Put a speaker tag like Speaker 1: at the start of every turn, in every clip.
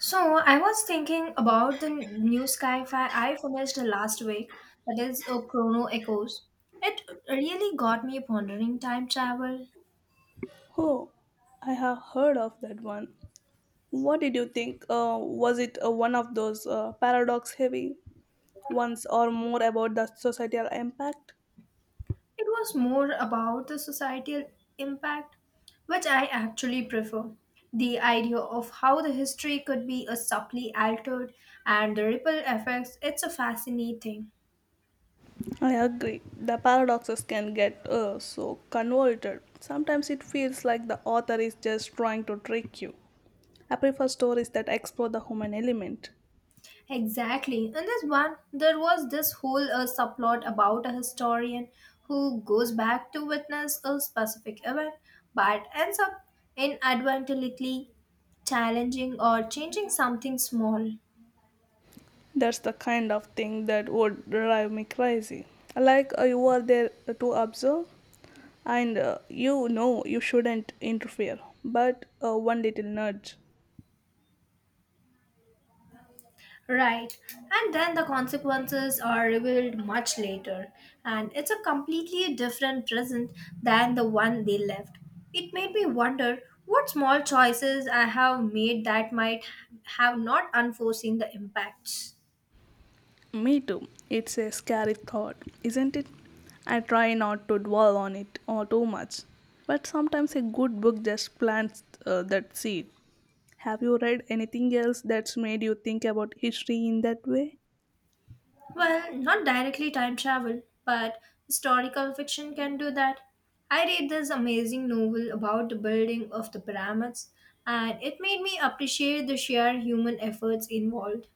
Speaker 1: So I was thinking about the new sci-fi I finished last week, that is Chrono Echoes. It really got me pondering time travel.
Speaker 2: Oh, I have heard of that one. What did you think? Was it one of those paradox heavy ones or more about the societal impact?
Speaker 1: It was more about the societal impact, which I actually prefer. The idea of how the history could be a subtly altered and the ripple effects, it's a fascinating.
Speaker 2: I agree. The paradoxes can get so convoluted. Sometimes it feels like the author is just trying to trick you. I prefer stories that explore the human element.
Speaker 1: Exactly. There was this whole subplot about a historian who goes back to witness a specific event but ends up inadvertently challenging or changing something small.
Speaker 2: That's the kind of thing that would drive me crazy. Like you are there to observe, and you know you shouldn't interfere, but one little nudge.
Speaker 1: Right, and then the consequences are revealed much later, and it's a completely different present than the one they left. It made me wonder what small choices I have made that might have not unforeseen the impacts.
Speaker 2: Me too. It's a scary thought, isn't it? I try not to dwell on it or too much, but sometimes a good book just plants that seed. Have you read anything else that's made you think about history in that way?
Speaker 1: Well, not directly time travel, but historical fiction can do that. I read this amazing novel about the building of the pyramids, and it made me appreciate the sheer human efforts involved.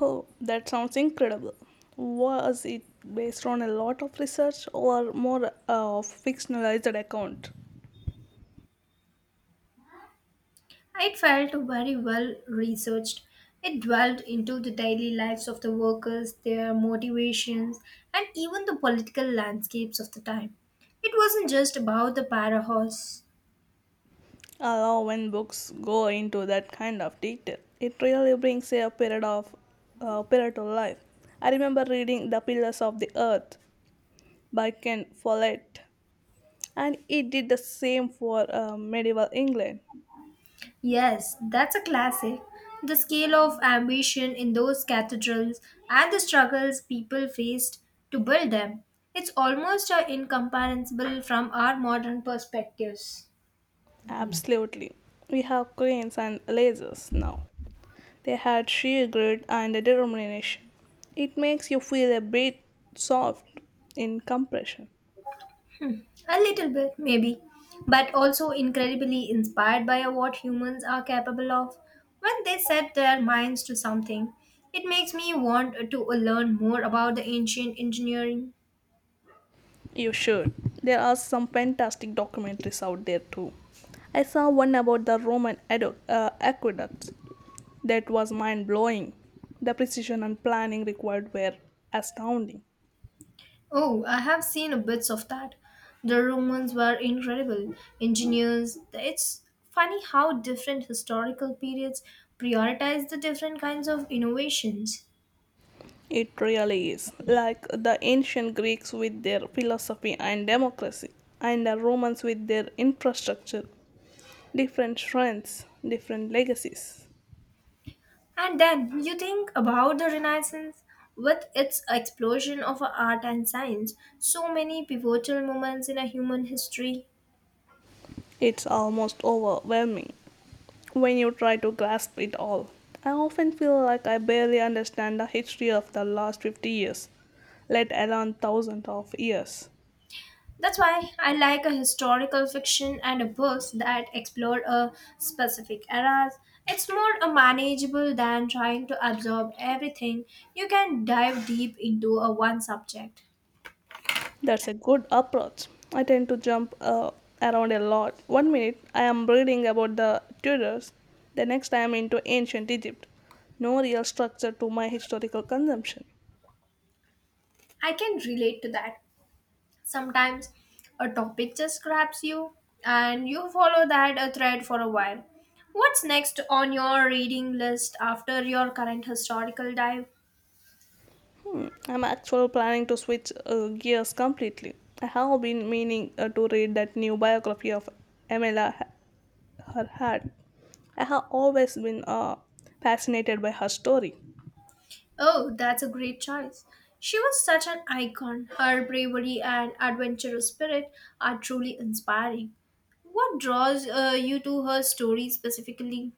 Speaker 2: Oh, that sounds incredible. Was it based on a lot of research or more of fictionalized account?
Speaker 1: It felt very well researched. It dwelled into the daily lives of the workers, their motivations, and even the political landscapes of the time. It wasn't just about the para horse.
Speaker 2: I love when books go into that kind of detail. It really brings a period of period to life. I remember reading The Pillars of the Earth by Ken Follett, and it did the same for medieval England.
Speaker 1: Yes, that's a classic. The scale of ambition in those cathedrals and the struggles people faced to build them. It's almost incomparable from our modern perspectives.
Speaker 2: Absolutely, we have cranes and lasers now. They had sheer grit and determination. It makes you feel a bit soft in compression.
Speaker 1: A little bit, maybe, but also incredibly inspired by what humans are capable of when they set their minds to something. It makes me want to learn more about the ancient engineering.
Speaker 2: You should. There are some fantastic documentaries out there too. I saw one about the Roman aqueducts that was mind blowing. The precision and planning required were astounding.
Speaker 1: Oh, I have seen a bits of that. The Romans were incredible engineers. It's funny how different historical periods prioritize the different kinds of innovations.
Speaker 2: It really is. Like the ancient Greeks with their philosophy and democracy, and the Romans with their infrastructure. Different strengths, different legacies.
Speaker 1: And then you think about the Renaissance with its explosion of art and science, so many pivotal moments in a human history.
Speaker 2: It's almost overwhelming when you try to grasp it all. I often feel like I barely understand the history of the last 50 years, let alone thousands of years.
Speaker 1: That's why I like a historical fiction and a books that explore a specific eras. It's more manageable than trying to absorb everything. You can dive deep into a one subject.
Speaker 2: That's a good approach. I tend to jump around a lot. One minute I am reading about the Tudors, the next I am into ancient Egypt. No real structure to my historical consumption.
Speaker 1: I can relate to that. Sometimes a topic just grabs you and you follow that a thread for a while. What's next on your reading list after your current historical dive?
Speaker 2: Hmm, I'm actually planning to switch gears completely. I have been meaning to read that new biography of Amelia, Earhart. I have always been fascinated by her story.
Speaker 1: Oh, that's a great choice. She was such an icon. Her bravery and adventurous spirit are truly inspiring. What draws you to her story specifically?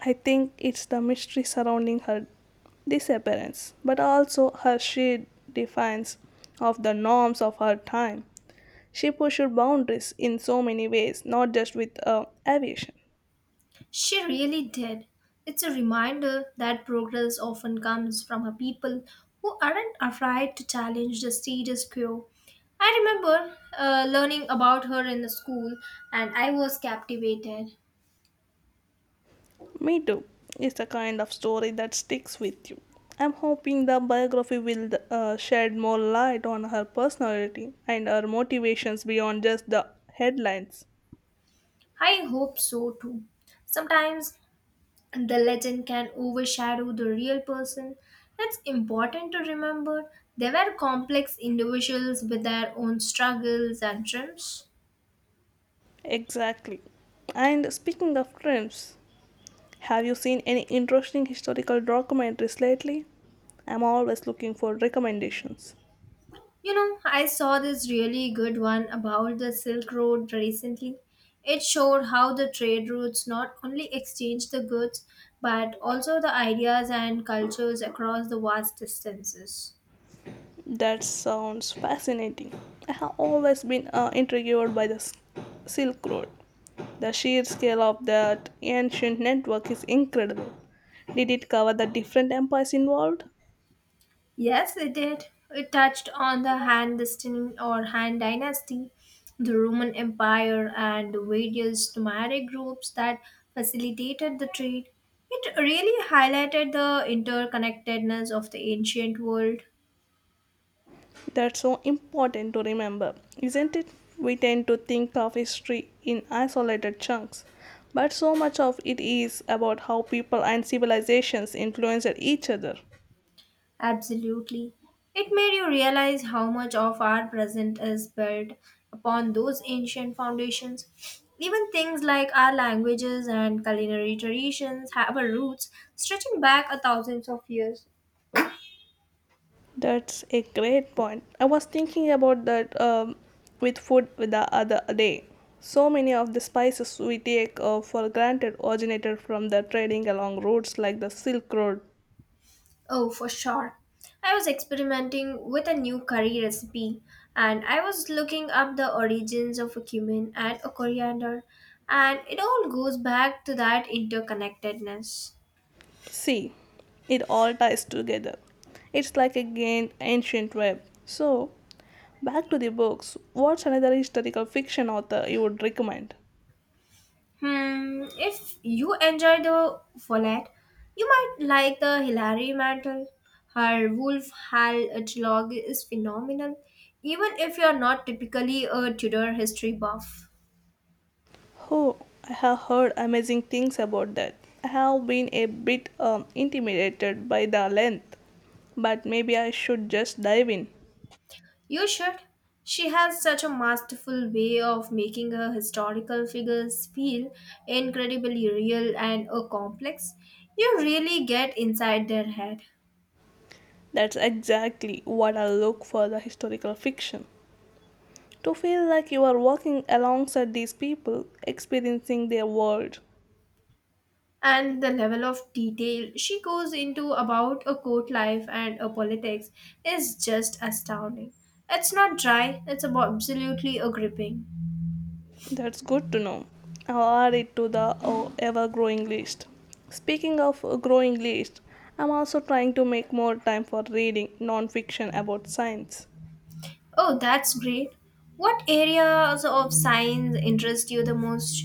Speaker 2: I think it's the mystery surrounding her disappearance, but also her sheer defiance of the norms of her time. She pushed boundaries in so many ways, not just with aviation.
Speaker 1: She really did. It's a reminder that progress often comes from a people who aren't afraid to challenge the status quo. I remember learning about her in the school and I was captivated.
Speaker 2: Me Too is the kind of story that sticks with you. I'm hoping the biography will shed more light on her personality and her motivations beyond just the headlines.
Speaker 1: I hope so too. Sometimes the legend can overshadow the real person. It's important to remember they were complex individuals with their own struggles and dreams.
Speaker 2: Exactly. And speaking of trims, have you seen any interesting historical documentaries lately? I'm always looking for recommendations.
Speaker 1: You know, I saw this really good one about the Silk Road recently. It showed how the trade routes not only exchanged the goods but also the ideas and cultures across the vast distances.
Speaker 2: That sounds fascinating. I have always been intrigued by the Silk Road. The sheer scale of that ancient network is incredible. Did it cover the different empires involved?
Speaker 1: Yes, it did. It touched on the Han dynasty or Han dynasty, the Roman Empire, and the various nomadic groups that facilitated the trade. It really highlighted the interconnectedness of the ancient world.
Speaker 2: That's so important to remember, isn't it? We tend to think of history in isolated chunks, but so much of it is about how people and civilizations influenced each other.
Speaker 1: Absolutely. It made you realize how much of our present is built upon those ancient foundations. Even things like our languages and culinary traditions have our roots stretching back a thousands of years.
Speaker 2: That's a great point. I was thinking about that with food the other day. So many of the spices we take for granted originated from the trading along routes like the Silk Road.
Speaker 1: Oh, for sure. I was experimenting with a new curry recipe and I was looking up the origins of a cumin and a coriander, and it all goes back to that interconnectedness.
Speaker 2: See, it all ties together. It's like again ancient web. So, back to the books. What's another historical fiction author you would recommend?
Speaker 1: Hmm, if you enjoy the Follett, you might like the Hilary Mantel. Her Wolf Hall dialogue is phenomenal, even if you're not typically a Tudor history buff.
Speaker 2: Oh, I have heard amazing things about that. I have been a bit intimidated by the length, but maybe I should just dive in.
Speaker 1: You should. She has such a masterful way of making her historical figures feel incredibly real and complex. You really get inside their head.
Speaker 2: That's exactly what I look for the historical fiction. To feel like you are walking alongside these people, experiencing their world.
Speaker 1: And the level of detail she goes into about a court life and a politics is just astounding. It's not dry, it's about absolutely a gripping.
Speaker 2: That's good to know. I'll add it to the ever growing list. Speaking of a growing list, I'm also trying to make more time for reading non fiction about science.
Speaker 1: Oh, that's great. What areas of science interest you the most?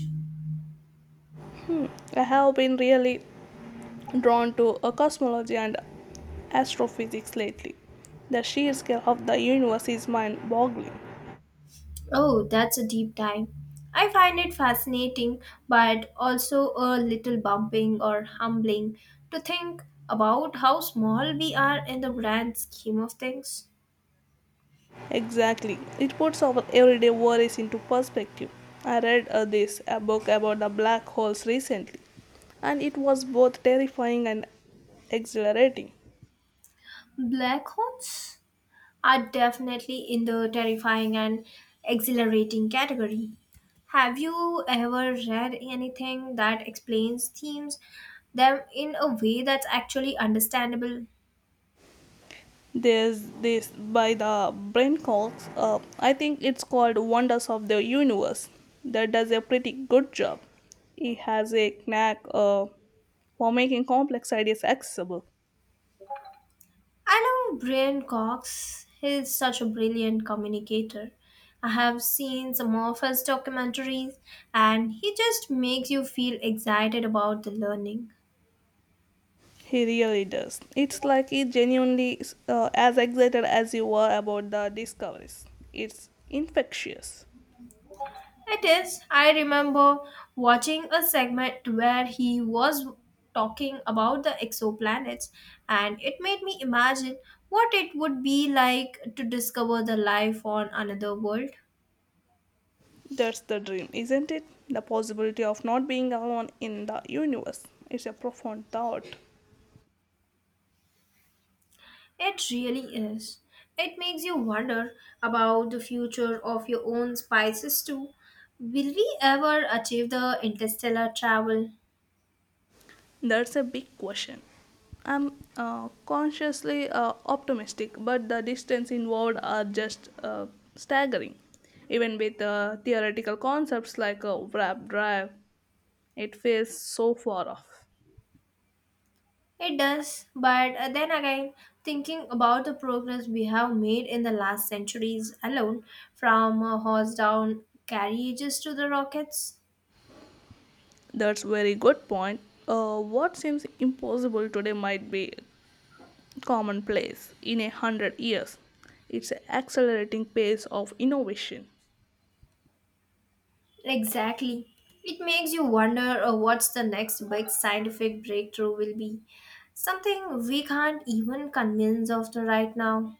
Speaker 2: I have been really drawn to cosmology and astrophysics lately. The sheer scale of the universe is mind boggling.
Speaker 1: Oh, that's a deep dive. I find it fascinating, but also a little bumping or humbling to think about how small we are in the grand scheme of things.
Speaker 2: Exactly. It puts our everyday worries into perspective. I read this a book about the black holes recently, and it was both terrifying and exhilarating.
Speaker 1: Black holes? Are definitely in the terrifying and exhilarating category. Have you ever read anything that explains them in a way that's actually understandable?
Speaker 2: There's this by the Brent Cox, I think it's called Wonders of the Universe, that does a pretty good job. He has a knack for making complex ideas accessible.
Speaker 1: I love Brian Cox. He's such a brilliant communicator. I have seen some of his documentaries and he just makes you feel excited about the learning.
Speaker 2: He really does. It's like he genuinely is as excited as you are about the discoveries. It's infectious.
Speaker 1: It is. I remember watching a segment where he was talking about the exoplanets, and it made me imagine what it would be like to discover the life on another world.
Speaker 2: That's the dream, isn't it? The possibility of not being alone in the universe. It's a profound thought.
Speaker 1: It really is. It makes you wonder about the future of your own species too. Will we ever achieve the interstellar travel?
Speaker 2: That's a big question. I'm consciously optimistic, but the distance involved are just staggering. Even with theoretical concepts like a warp drive, it feels so far off.
Speaker 1: It does, but then again, thinking about the progress we have made in the last centuries alone, from horse down carriages to the rockets.
Speaker 2: That's very good point. What seems impossible today might be commonplace in 100 years. It's an accelerating pace of innovation.
Speaker 1: Exactly. It makes you wonder what's the next big scientific breakthrough will be. Something we can't even convince of the right now.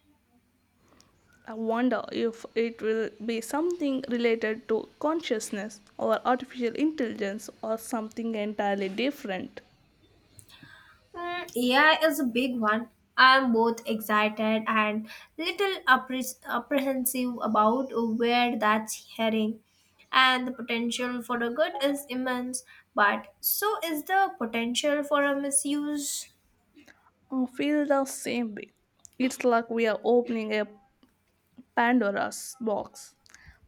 Speaker 2: I wonder if it will be something related to consciousness or artificial intelligence or something entirely different.
Speaker 1: Mm, AI is a big one. I'm both excited and little apprehensive about where that's heading. And the potential for the good is immense, but so is the potential for a misuse.
Speaker 2: I feel the same way. It's like we are opening a Pandora's box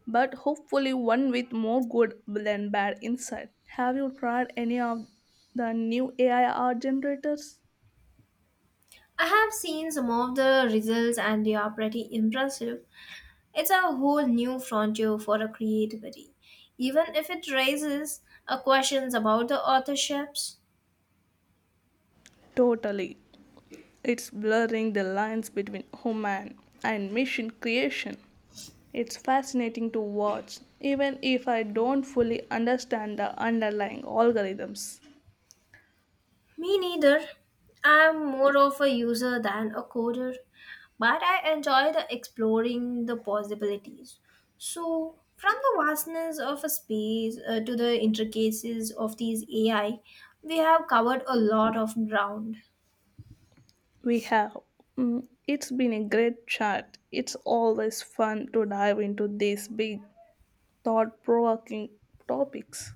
Speaker 2: but hopefully one with more good than bad inside. Have you tried any of the new AI art generators?
Speaker 1: I have seen some of the results and they are pretty impressive. It's a whole new frontier for a creativity, even if it raises questions about the authorships.
Speaker 2: Totally. It's blurring the lines between human and machine creation. It's fascinating to watch, even if I don't fully understand the underlying algorithms
Speaker 1: Me neither. I'm more of a user than a coder, but I enjoy the exploring the possibilities. So, from the vastness of a space to the intricacies of these AI, we have covered a lot of ground.
Speaker 2: we have. It's been a great chat. It's always fun to dive into these big, thought provoking topics.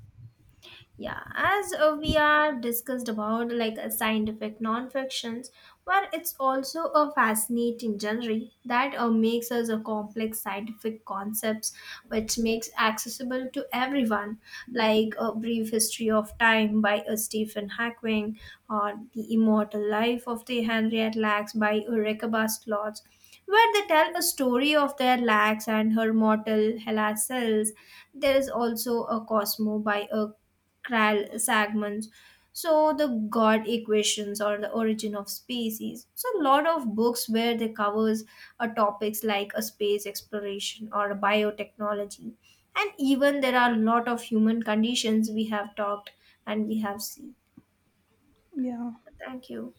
Speaker 1: Yeah, as we are discussed about like a scientific non-fictions, but it's also a fascinating genre that makes us a complex scientific concepts which makes accessible to everyone, like a brief history of time by Stephen Hawking or the immortal life of the Henriette Lacks by Rebecca Slots, where they tell a story of their Lacks and her mortal Hela cells. There is also a Cosmo by a chiral segments. So the God equations or the origin of species. So a lot of books where they covers topics like a space exploration or a biotechnology, and even there are a lot of human conditions we have talked and we have seen.
Speaker 2: Yeah.
Speaker 1: Thank you.